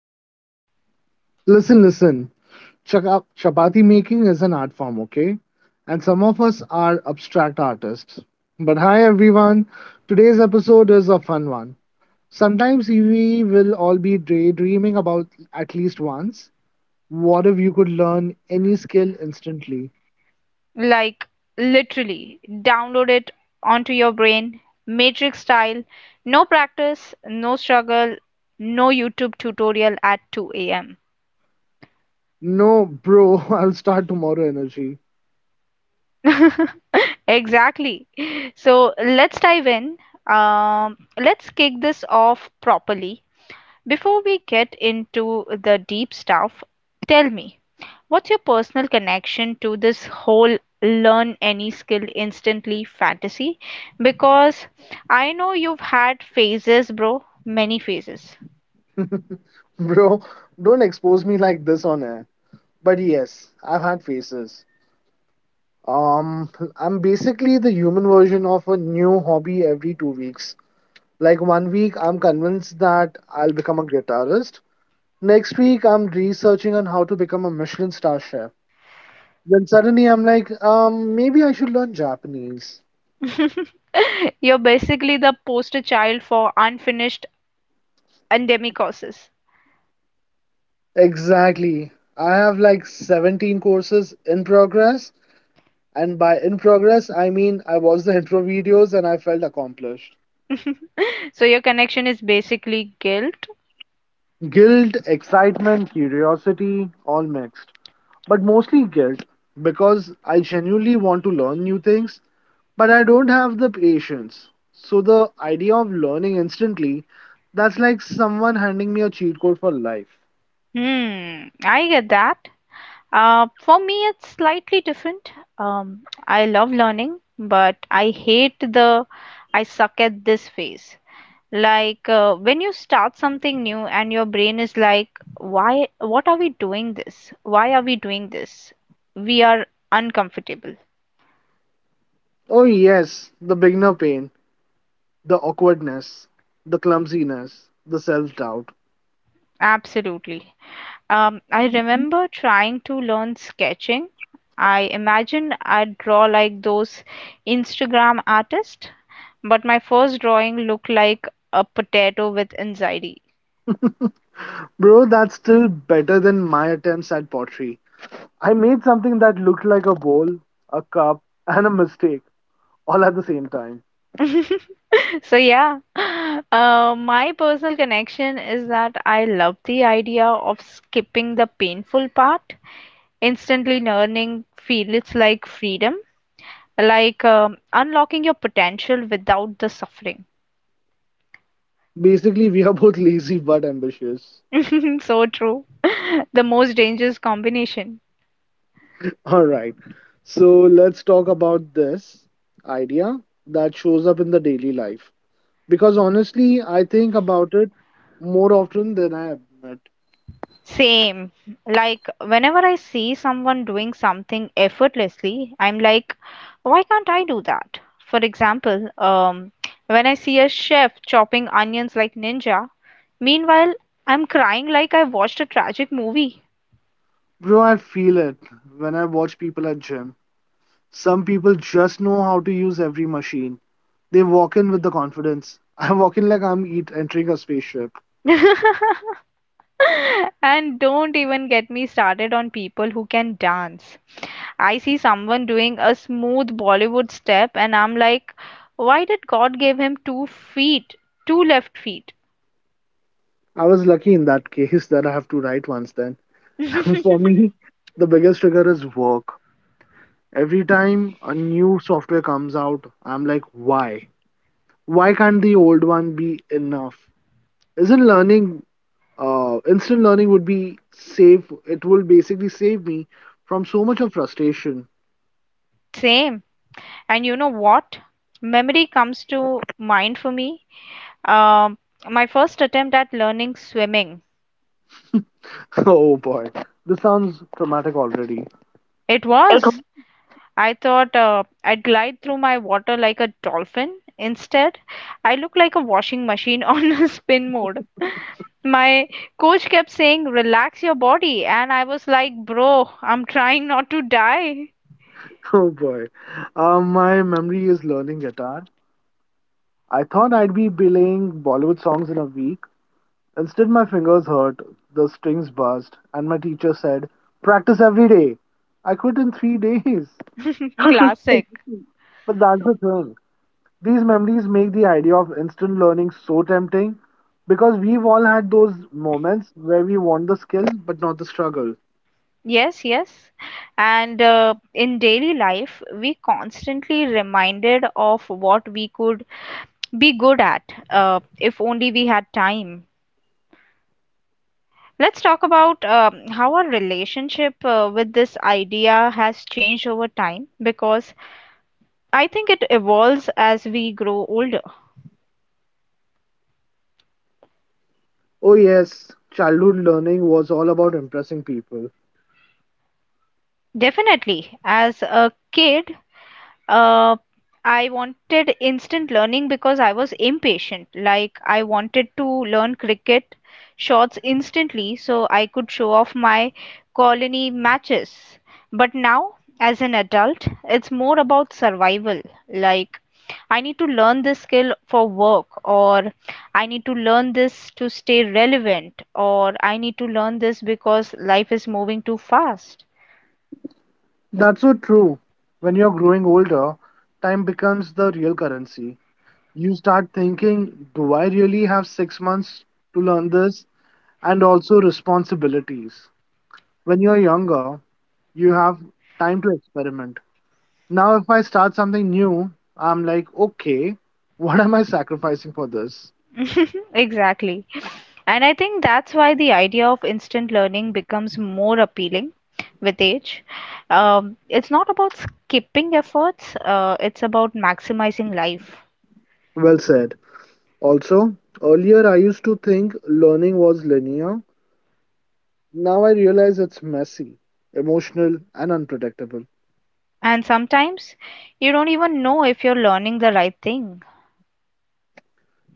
Rishi. Listen, listen. Chapati making is an art form, okay? And some of us are abstract artists. But hi, everyone. Today's episode is a fun one. Sometimes we will all be daydreaming about at least once. What if you could learn any skill instantly? Like, literally, download it onto your brain, matrix style, no practice, no struggle, no YouTube tutorial at 2 a.m. No, bro, I'll start tomorrow energy. Exactly. So let's dive in. Let's kick this off properly. Before we get into the deep stuff, tell me, what's your personal connection to this whole learn any skill instantly fantasy? Because I know you've had phases, bro, many phases. Bro, don't expose me like this on air. But yes, I've had faces. Um, I'm basically the human version of a new hobby every 2 weeks. Like 1 week, I'm convinced that I'll become a guitarist. Next week, I'm researching on how to become a Michelin star chef. Then suddenly, I'm like, maybe I should learn Japanese. You're basically the poster child for unfinished endemic courses. Exactly. I have like 17 courses in progress, and by in progress, I mean I watched the intro videos and I felt accomplished. So your connection is basically guilt. Guilt, excitement, curiosity, all mixed. But mostly guilt because I genuinely want to learn new things, but I don't have the patience. So the idea of learning instantly, that's like someone handing me a cheat code for life. Hmm, I get that. For me, it's slightly different. Um, I love learning, but I hate the I suck at this phase. Like, when you start something new and your brain is like, why, what are we doing this? Why are we doing this? We are uncomfortable. Oh, yes, the beginner pain, the awkwardness, the clumsiness, the self doubt. Absolutely. I remember trying to learn sketching. I imagined I'd draw like those Instagram artists, but my first drawing looked like a potato with anxiety. Bro, that's still better than my attempts at pottery. I made something that looked like a bowl, a cup, and a mistake. All at the same time. So, yeah, my personal connection is that I love the idea of skipping the painful part. Instantly learning feels like freedom, like, unlocking your potential without the suffering. Basically, we are both lazy but ambitious. So true. The most dangerous combination. All right. So let's talk about this idea that shows up in the daily life. Because honestly, I think about it more often than I admit. Same. Like, whenever I see someone doing something effortlessly, I'm like, why can't I do that? For example, when I see a chef chopping onions like ninja, meanwhile, I'm crying like I watched a tragic movie. Bro, I feel it when I watch people at gym. Some people just know how to use every machine. They walk in with the confidence. I walk in like I'm eat, entering a spaceship. And don't even get me started on people who can dance. I see someone doing a smooth Bollywood step, and I'm like, why did God give him two left feet? I was lucky in that case that I have to write once then. For me, the biggest trigger is work. Every time a new software comes out, I'm like, why? Why can't the old one be enough? Isn't learning, instant learning would be save, it will basically save me from so much of frustration. Same. And you know what? Memory comes to mind for me. Um, my first attempt at learning swimming. Oh boy, this sounds traumatic already. It was. I thought I'd glide through my water like a dolphin. Instead, I look like a washing machine on a spin mode. My coach kept saying relax your body and I was like bro I'm trying not to die. Oh boy. My memory is learning guitar. I thought I'd be playing Bollywood songs in a week, Instead, my fingers hurt, the strings burst, and my teacher said, Practice every day. I quit in 3 days. Classic. But that's the thing. These memories make the idea of instant learning so tempting because we've all had those moments where we want the skill but not the struggle. Yes, yes. And in daily life we constantly reminded of what we could be good at, if only we had time. Let's talk about how our relationship with this idea has changed over time, because I think it evolves as we grow older. Oh, yes, childhood learning was all about impressing people. Definitely. As a kid, Uh, I wanted instant learning because I was impatient. Like, I wanted to learn cricket shots instantly so I could show off my colony matches. But now, as an adult, it's more about survival. Like, I need to learn this skill for work, or I need to learn this to stay relevant, or I need to learn this because life is moving too fast. That's so true. When you're growing older, time becomes the real currency. You start thinking, do I really have 6 months to learn this? And also responsibilities. When you're younger, you have time to experiment. Now, if I start something new, I'm like, okay, what am I sacrificing for this? Exactly. And I think that's why the idea of instant learning becomes more appealing with age. It's not about skipping efforts, it's about maximizing life. Well said. Also, earlier I used to think learning was linear. Now I realize it's messy, emotional, and unpredictable. And sometimes you don't even know if you're learning the right thing.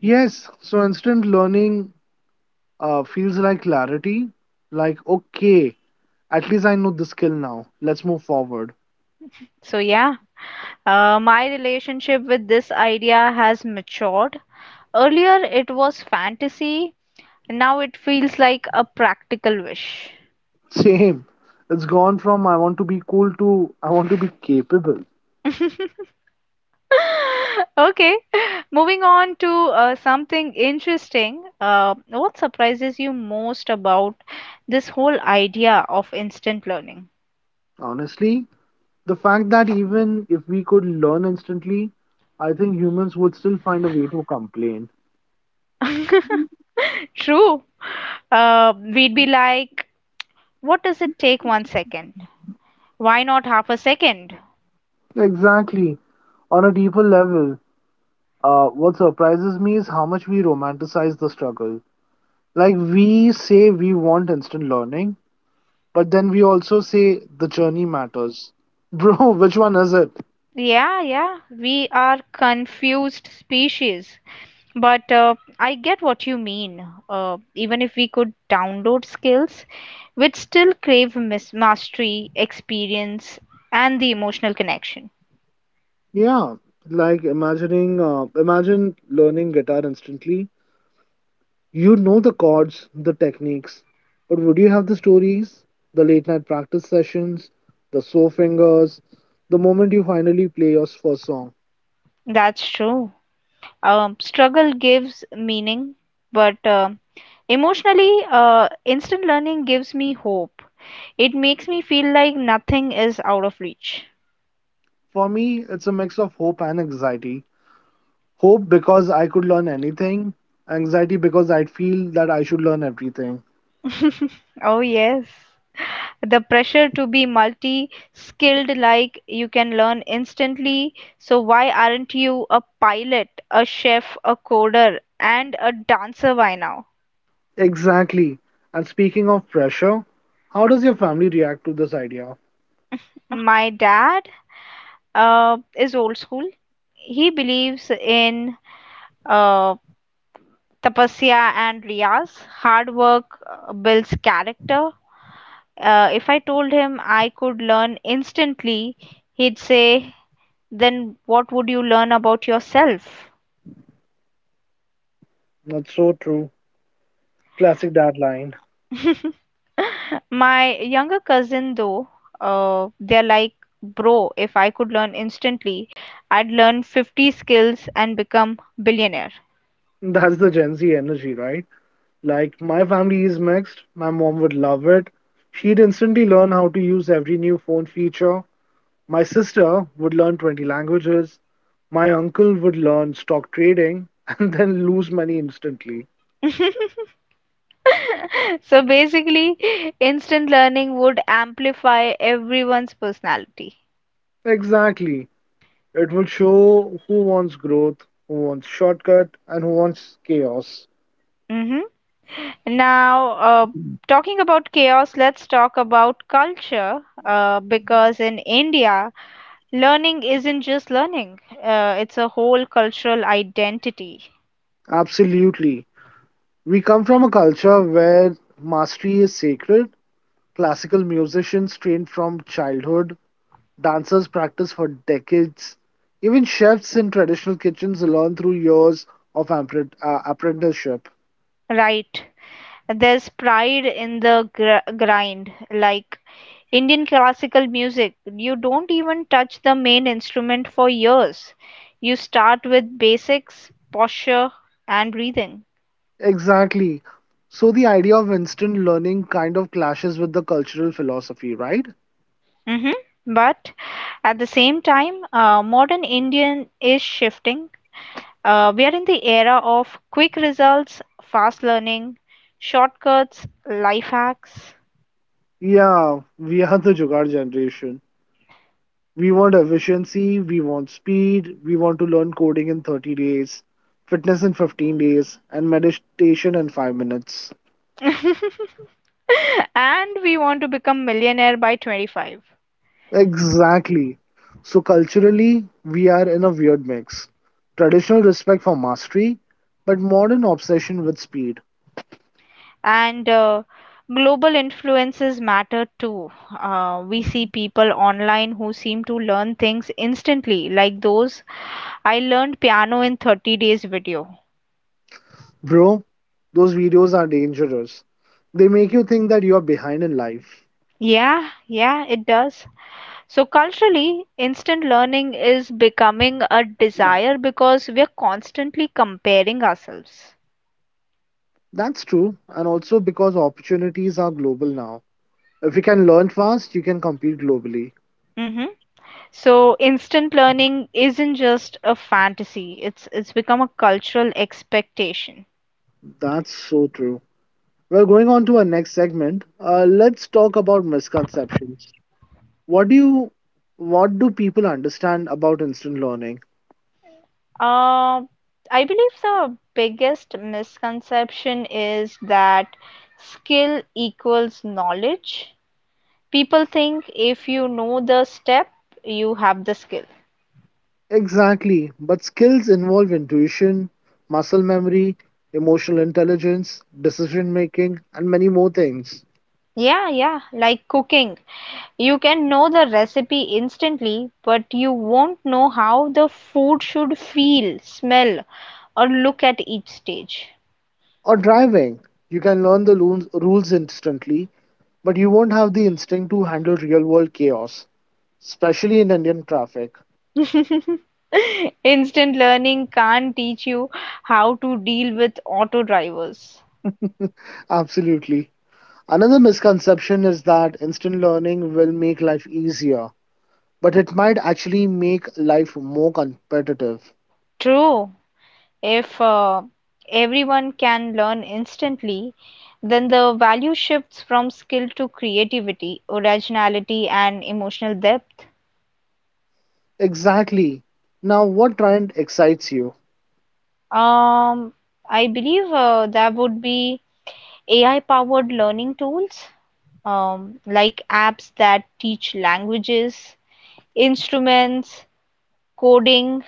Yes, so instant learning feels like clarity, like, okay, at least I know the skill now. Let's move forward. So, yeah, my relationship with this idea has matured. Earlier, it was fantasy, now it feels like a practical wish. Same. It's gone from I want to be cool to I want to be capable. Okay, moving on to something interesting. What surprises you most about this whole idea of instant learning? Honestly, the fact that even if we could learn instantly, I think humans would still find a way to complain. True. We'd be like, what does it take 1 second? Why not half a second? Exactly. On a deeper level, what surprises me is how much we romanticize the struggle. Like, we say we want instant learning, but then we also say the journey matters. Bro, which one is it? Yeah, yeah, we are confused species. But I get what you mean. Even if we could download skills, we'd still crave mastery, experience, and the emotional connection. Yeah, like imagine learning guitar instantly. You know the chords, the techniques, but would you have the stories, the late night practice sessions, the sore fingers, the moment you finally play your first song? That's true. Struggle gives meaning, but, emotionally, instant learning gives me hope. It makes me feel like nothing is out of reach. For me, it's a mix of hope and anxiety. Hope because I could learn anything, anxiety because I'd feel that I should learn everything. Oh, yes. The pressure to be multi skilled, like you can learn instantly, so why aren't you a pilot, a chef, a coder and a dancer by now? Exactly. And speaking of pressure, how does your family react to this idea? My dad is old school. He believes in uh, tapasya and riyas. Hard work builds character. If I told him I could learn instantly, he'd say, then what would you learn about yourself? That's so true. Classic dad line. My younger cousin, though, they're like, bro, if I could learn instantly, I'd learn 50 skills and become billionaire. That's the Gen Z energy, right? Like, my family is mixed. My mom would love it. She'd instantly learn how to use every new phone feature. My sister would learn 20 languages. My uncle would learn stock trading and then lose money instantly. So basically, instant learning would amplify everyone's personality. Exactly. It would show who wants growth, who wants shortcut, and who wants chaos. Hmm. Now, uh, talking about chaos, let's talk about culture, because in India, learning isn't just learning, it's a whole cultural identity. Absolutely. We come from a culture where mastery is sacred. Classical musicians trained from childhood. Dancers practice for decades. Even chefs in traditional kitchens learn through years of apprenticeship. Right. There's pride in the grind. Like Indian classical music, you don't even touch the main instrument for years. You start with basics, posture, and breathing. Exactly. So the idea of instant learning kind of clashes with the cultural philosophy, right? Hmm. But at the same time, modern Indian is shifting. We are in the era of quick results, fast learning, shortcuts, life hacks. Yeah, we are the Jugaad generation. We want efficiency, we want speed, we want to learn coding in 30 days, fitness in 15 days, and meditation in 5 minutes. And we want to become millionaire by 25. Exactly. So culturally, we are in a weird mix. Traditional respect for mastery, but modern obsession with speed. And global influences matter too. We see people online who seem to learn things instantly, like those I learned piano in 30 days video. Bro, those videos are dangerous. They make you think that you are behind in life. Yeah, yeah, it does. So culturally, instant learning is becoming a desire because we are constantly comparing ourselves. That's true, and also because opportunities are global now. If you can learn fast, you can compete globally. Mm-hmm. So instant learning isn't just a fantasy, it's become a cultural expectation. That's so true. Well, going on to our next segment, let's talk about misconceptions. What do you, what do people understand about instant learning? Uh, I believe the biggest misconception is that skill equals knowledge. People think if you know the step, you have the skill. Exactly, but skills involve intuition, muscle memory, emotional intelligence, decision making, and many more things. Yeah, yeah, like cooking. You can know the recipe instantly, but you won't know how the food should feel, smell, or look at each stage. Or driving, you can learn the rules instantly, but you won't have the instinct to handle real world chaos, especially in Indian traffic. Instant learning can't teach you how to deal with auto drivers. Absolutely. Another misconception is that instant learning will make life easier, but it might actually make life more competitive. True. If everyone can learn instantly, then the value shifts from skill to creativity, originality, and emotional depth. Exactly. Now, what trend excites you? Um, I believe there would be AI powered learning tools, like apps that teach languages, instruments, coding.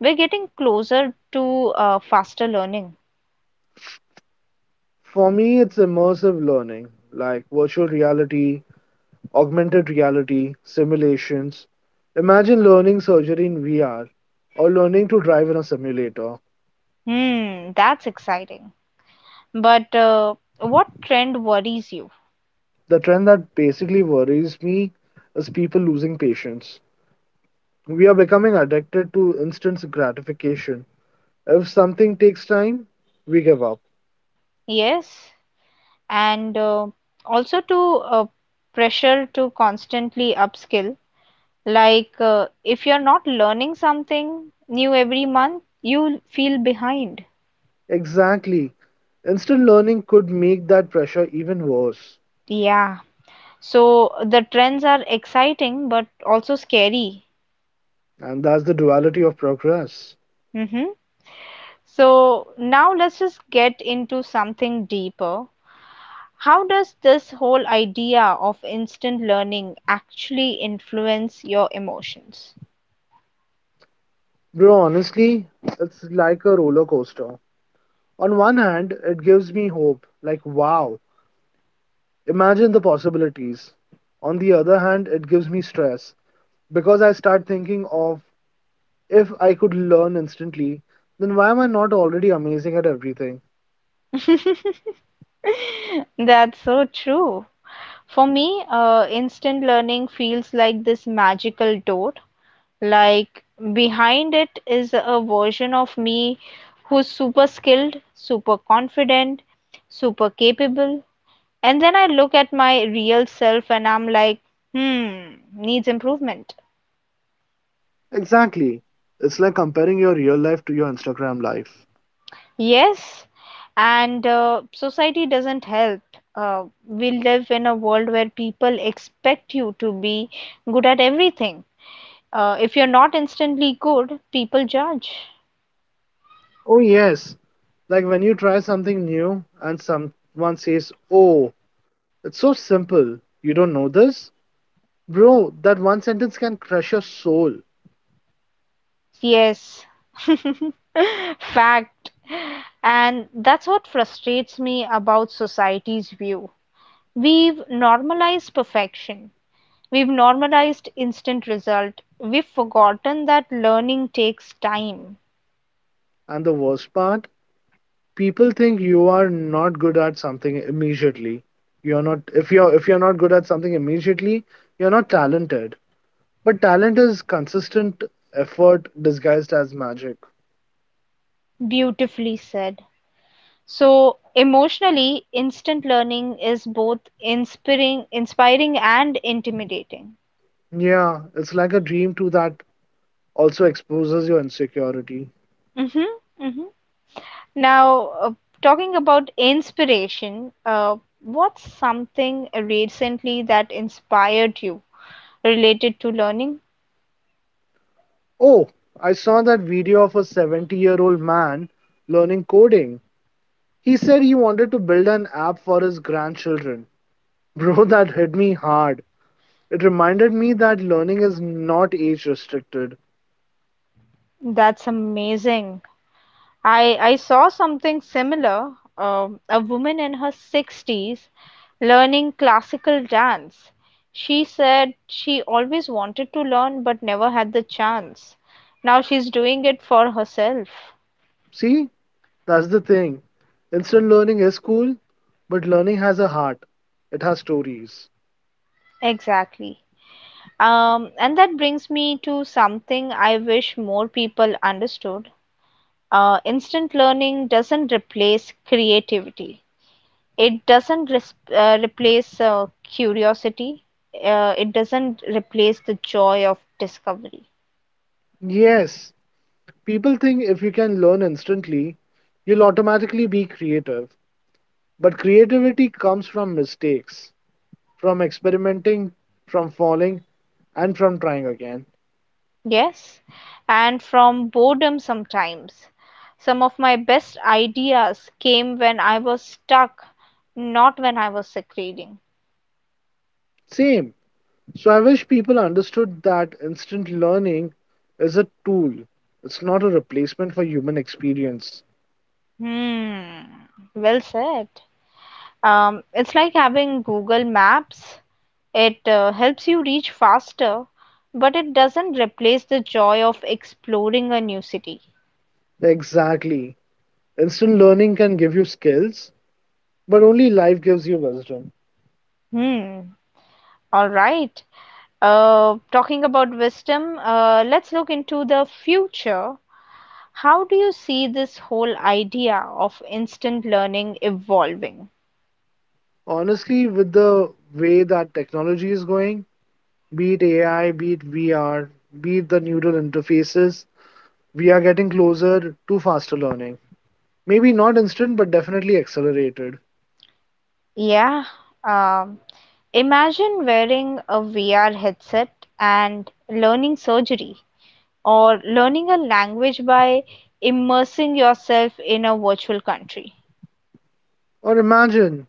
We're getting closer to faster learning. For me, it's immersive learning, like virtual reality, augmented reality, simulations. Imagine learning surgery in VR or learning to drive in a simulator. Hmm, that's exciting. But what trend worries you? The trend that basically worries me is people losing patience. We are becoming addicted to instant gratification. If something takes time, we give up. Yes. And also to, pressure to constantly upskill, like, if you're not learning something new every month you'll feel behind. Exactly. Instant learning could make that pressure even worse. Yeah, so the trends are exciting but also scary. And that's the duality of progress. Hmm. So now let's just get into something deeper. How does this whole idea of instant learning actually influence your emotions? Bro, honestly, it's like a roller coaster. On one hand, it gives me hope, like, wow, imagine the possibilities. On the other hand, it gives me stress because I start thinking of if I could learn instantly, then why am I not already amazing at everything? That's so true. For me, instant learning feels like this magical door. Like behind it is a version of me who's super skilled, super confident, super capable. And then I look at my real self and I'm like, hmm, needs improvement. Exactly. It's like comparing your real life to your Instagram life. Yes, and society doesn't help. We live in a world where people expect you to be good at everything. If you're not instantly good, people judge. Oh, yes. Like when you try something new and someone says, oh, it's so simple. You don't know this? Bro, that one sentence can crush your soul. Yes. Fact. And that's what frustrates me about society's view. We've normalized perfection. We've normalized instant result. We've forgotten that learning takes time. And the worst part, people think you are not good at something immediately. You're not if you're If you're not good at something immediately, you're not talented. But talent is consistent effort disguised as magic. Beautifully said. So, emotionally, instant learning is both inspiring, inspiring and intimidating. Yeah, it's like a dream too that also exposes your insecurity. Mm-hmm, mm-hmm. Now, talking about inspiration, what's something recently that inspired you related to learning? Oh, I saw that video of a 70-year-old man learning coding. He said he wanted to build an app for his grandchildren. Bro, that hit me hard. It reminded me that learning is not age restricted. That's amazing. I saw something similar. A woman in her sixties learning classical dance. She said she always wanted to learn but never had the chance. Now she's doing it for herself. See, that's the thing. Instant learning is cool, but learning has a heart. It has stories. Exactly. And that brings me to something I wish more people understood. Instant learning doesn't replace creativity. It doesn't replace curiosity. It doesn't replace the joy of discovery. Yes, people think if you can learn instantly, you'll automatically be creative. But creativity comes from mistakes, from experimenting, from falling, and from trying again. Yes, and from boredom sometimes. Some of my best ideas came when I was stuck, not when I was succeeding. Same. So I wish people understood that instant learning is a tool. It's not a replacement for human experience. Hmm, well said. It's like having Google Maps. It helps you reach faster, but it doesn't replace the joy of exploring a new city. Exactly. Instant learning can give you skills, but only life gives you wisdom. Hmm. All right. Talking about wisdom, let's look into the future. How do you see this whole idea of instant learning evolving? Honestly, with the way that technology is going, be it AI, be it VR, be it the neural interfaces, we are getting closer to faster learning. Maybe not instant, but definitely accelerated. Yeah. Um, Imagine wearing a VR headset and learning surgery, or learning a language by immersing yourself in a virtual country. Or imagine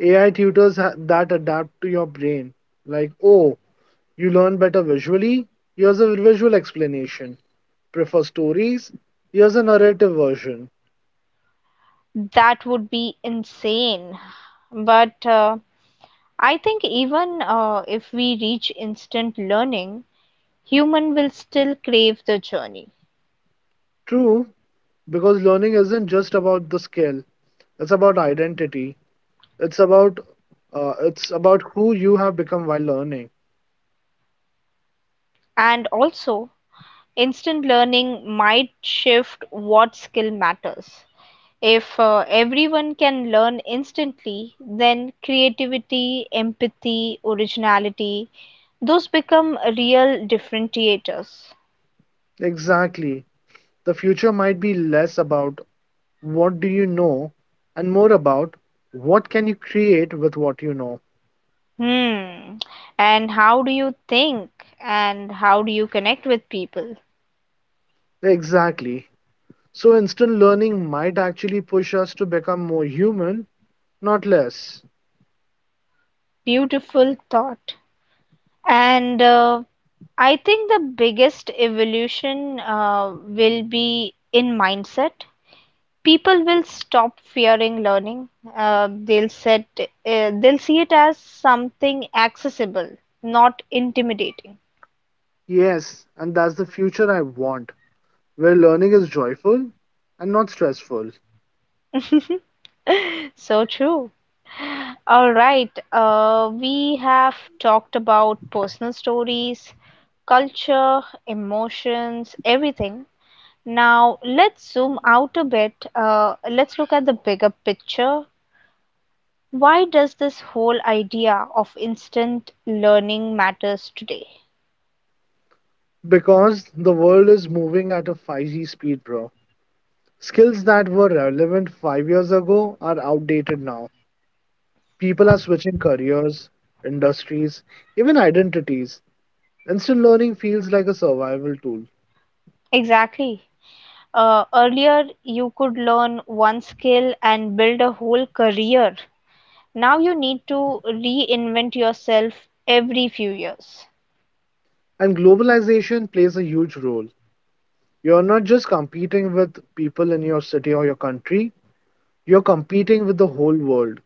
AI tutors that adapt to your brain. Like, oh, you learn better visually? Here's a visual explanation. Prefer stories? Here's a narrative version. That would be insane. But I think even if we reach instant learning, human will still crave the journey. True, because learning isn't just about the skill, it's about identity. It's about it's about who you have become while learning. And also, instant learning might shift what skill matters. If everyone can learn instantly, then creativity, empathy, originality, those become real differentiators. Exactly. The future might be less about what do you know and more about what can you create with what you know. Hmm. And how do you think? And how do you connect with people? Exactly. So instant learning might actually push us to become more human, not less. Beautiful thought. And I think the biggest evolution will be in mindset. People will stop fearing learning. They'll see it as something accessible, not intimidating. Yes, and that's the future I want, where learning is joyful and not stressful. So true. All right, we have talked about personal stories, culture, emotions, everything. Now, let's zoom out a bit. Let's look at the bigger picture. Why does this whole idea of instant learning matters today? Because the world is moving at a 5G speed, bro. Skills that were relevant 5 years ago are outdated now. People are switching careers, industries, even identities. Instant learning feels like a survival tool, Exactly. Earlier, you could learn one skill and build a whole career. Now you need to reinvent yourself every few years. and globalization plays a huge role. You're not just competing with people in your city or your country, you're competing with the whole world.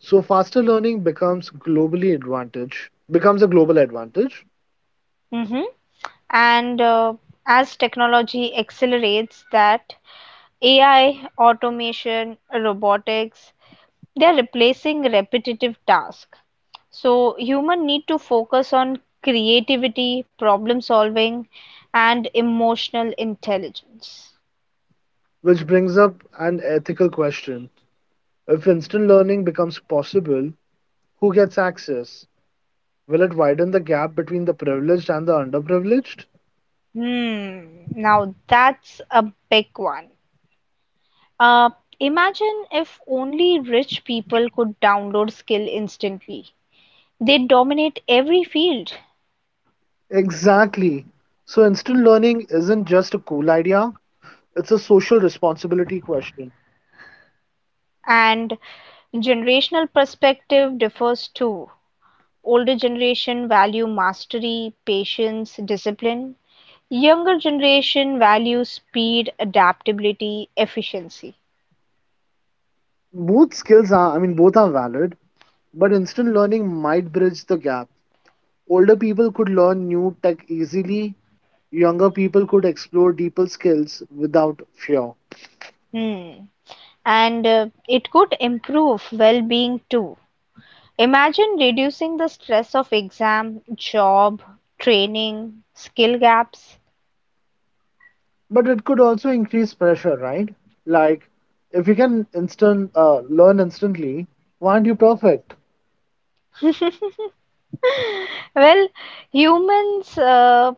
So faster learning becomes globally advantage, becomes a global advantage, Mhm. And as technology accelerates that, AI, automation, robotics, they are replacing repetitive tasks. So human need to focus on creativity, problem solving, and emotional intelligence. which brings up an ethical question. If instant learning becomes possible, who gets access? Will it widen the gap between the privileged and the underprivileged? Hmm, now that's a big one. Uh, Imagine if only rich people could download skill instantly. They dominate every field. Exactly. So instant learning isn't just a cool idea, it's a social responsibility question. And generational perspective differs too. Older generation value mastery, patience, discipline. Younger generation value speed, adaptability, efficiency. Both skills are, I mean, both are valid, but instant learning might bridge the gap. Older people could learn new tech easily, younger people could explore deeper skills without fear. Hmm. And it could improve well-being too. Imagine reducing the stress of exam, job, training, skill gaps. But it could also increase pressure, right? Like, if you can instant learn instantly, why aren't you perfect? Well, humans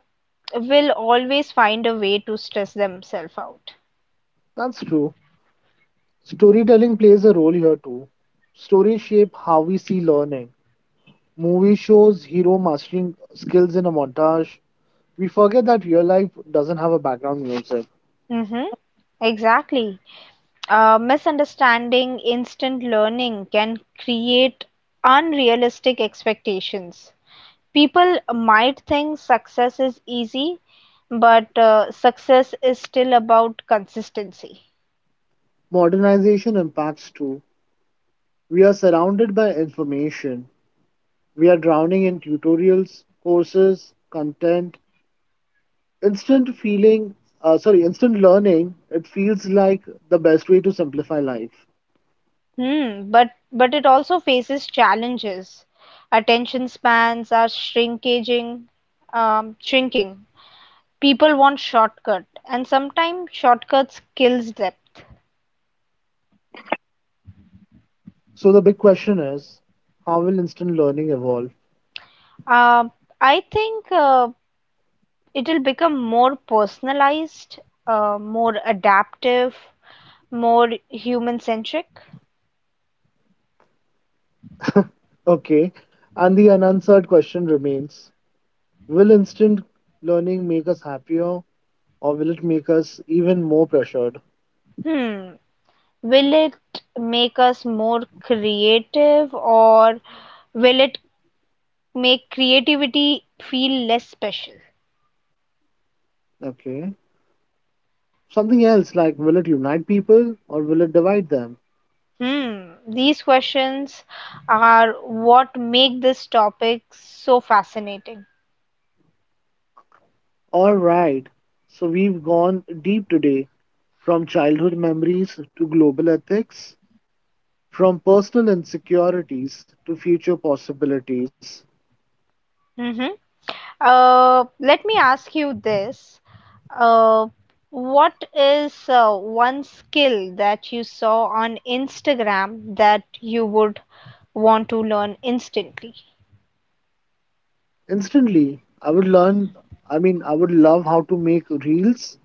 will always find a way to stress themselves out. That's true. Storytelling plays a role here too. Stories shape how we see learning. Movie shows hero mastering skills in a montage, We forget that real life doesn't have a background music. Mhm. Exactly. Misunderstanding instant learning can create unrealistic expectations. People might think success is easy, but success is still about consistency. Modernization impacts too. We are surrounded by information. We are drowning in tutorials, courses, content, instant feeling, instant learning. It feels like the best way to simplify life. Hmm, but it also faces challenges. Attention spans are shrinkaging, shrinking. People want shortcut, and sometimes shortcuts kills depth. So the big question is, how will instant learning evolve? Um, I think it will become more personalized, more adaptive, more human centric. Okay, and the unanswered question remains, will instant learning make us happier or will it make us even more pressured? Hmm. Will it make us more creative or will it make creativity feel less special? Okay. Something else like will it unite people or will it divide them? Hmm. These questions are what make this topic so fascinating. All right, so we've gone deep today from childhood memories to global ethics, from personal insecurities to future possibilities. Hmm. Uh, Let me ask you this. Uh, what is one skill that you saw on Instagram that you would want to learn instantly? Instantly, I would learn, I mean, I would love how to make reels.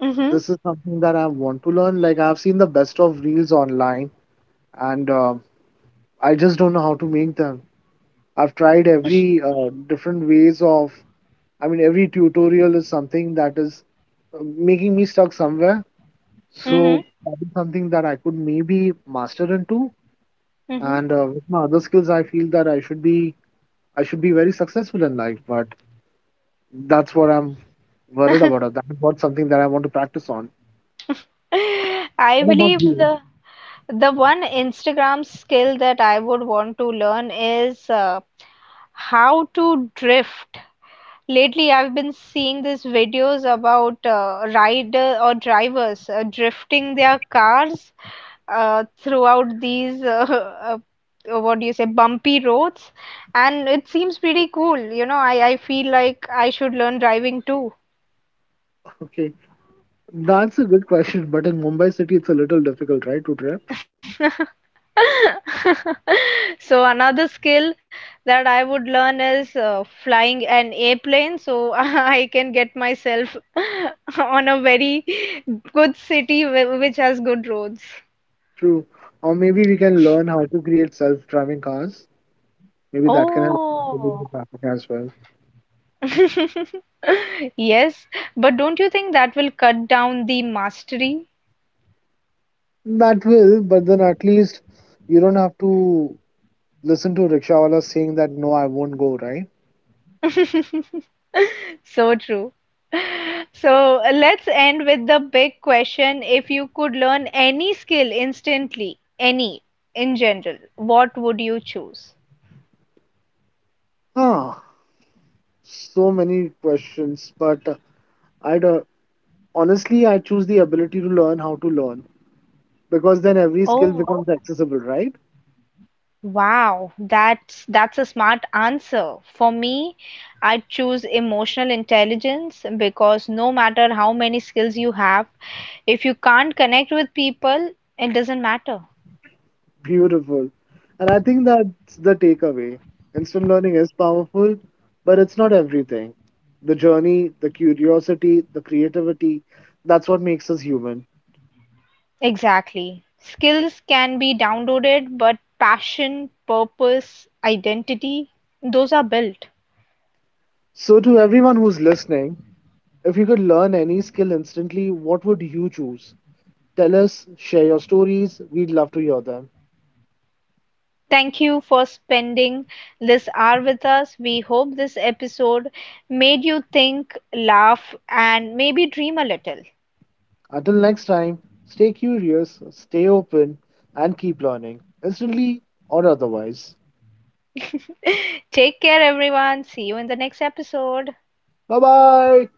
Mm-hmm, This is something that I want to learn. Like, I've seen the best of reels online and I just don't know how to make them. I've tried every different ways of every tutorial is something that is making me stuck somewhere. mm-hmm, So that is something that I could maybe master into. mm-hmm. And with my other skills, I feel that I should be very successful in life. But that's what I'm worried about. Or That's what something that I want to practice on. I What about believe you? the the one Instagram skill that I would want to learn is how to drift. Lately, I've been seeing these videos about rider or drivers drifting their cars throughout these what do you say, bumpy roads, and it seems pretty cool, you know. I feel like I should learn driving too. Okay, that's a good question. But in Mumbai city, it's a little difficult, right, to drive. So another skill that I would learn is flying an airplane, so I can get myself on a very good city which has good roads. True. Or maybe we can learn how to create self-driving cars. Maybe that can help in the Oh, traffic as well. yes, but don't you think that will cut down the mastery? That will, but then at least you don't have to listen to rickshawala saying that no, I won't go, right? So true. So let's end with the big question. If you could learn any skill instantly, any in general, what would you choose? Ah, So many questions, but I would honestly I choose the ability to learn how to learn because then every skill Oh, becomes accessible, right? wow. That's a smart answer. For me, I'd choose emotional intelligence because no matter how many skills you have, if you can't connect with people, it doesn't matter. Beautiful. And I think that's the takeaway. Instant learning is powerful, but it's not everything. The journey, the curiosity, the creativity, that's what makes us human. Exactly. Skills can be downloaded, but passion, purpose, identity, those are built. So, to everyone who's listening, If you could learn any skill instantly, what would you choose? Tell us, share your stories. We'd love to hear them. Thank you for spending this hour with us. We hope this episode made you think, laugh, and maybe dream a little. Until next time, stay curious, stay open, and keep learning, instantly or otherwise. Take care, everyone. See you in the next episode. Bye bye.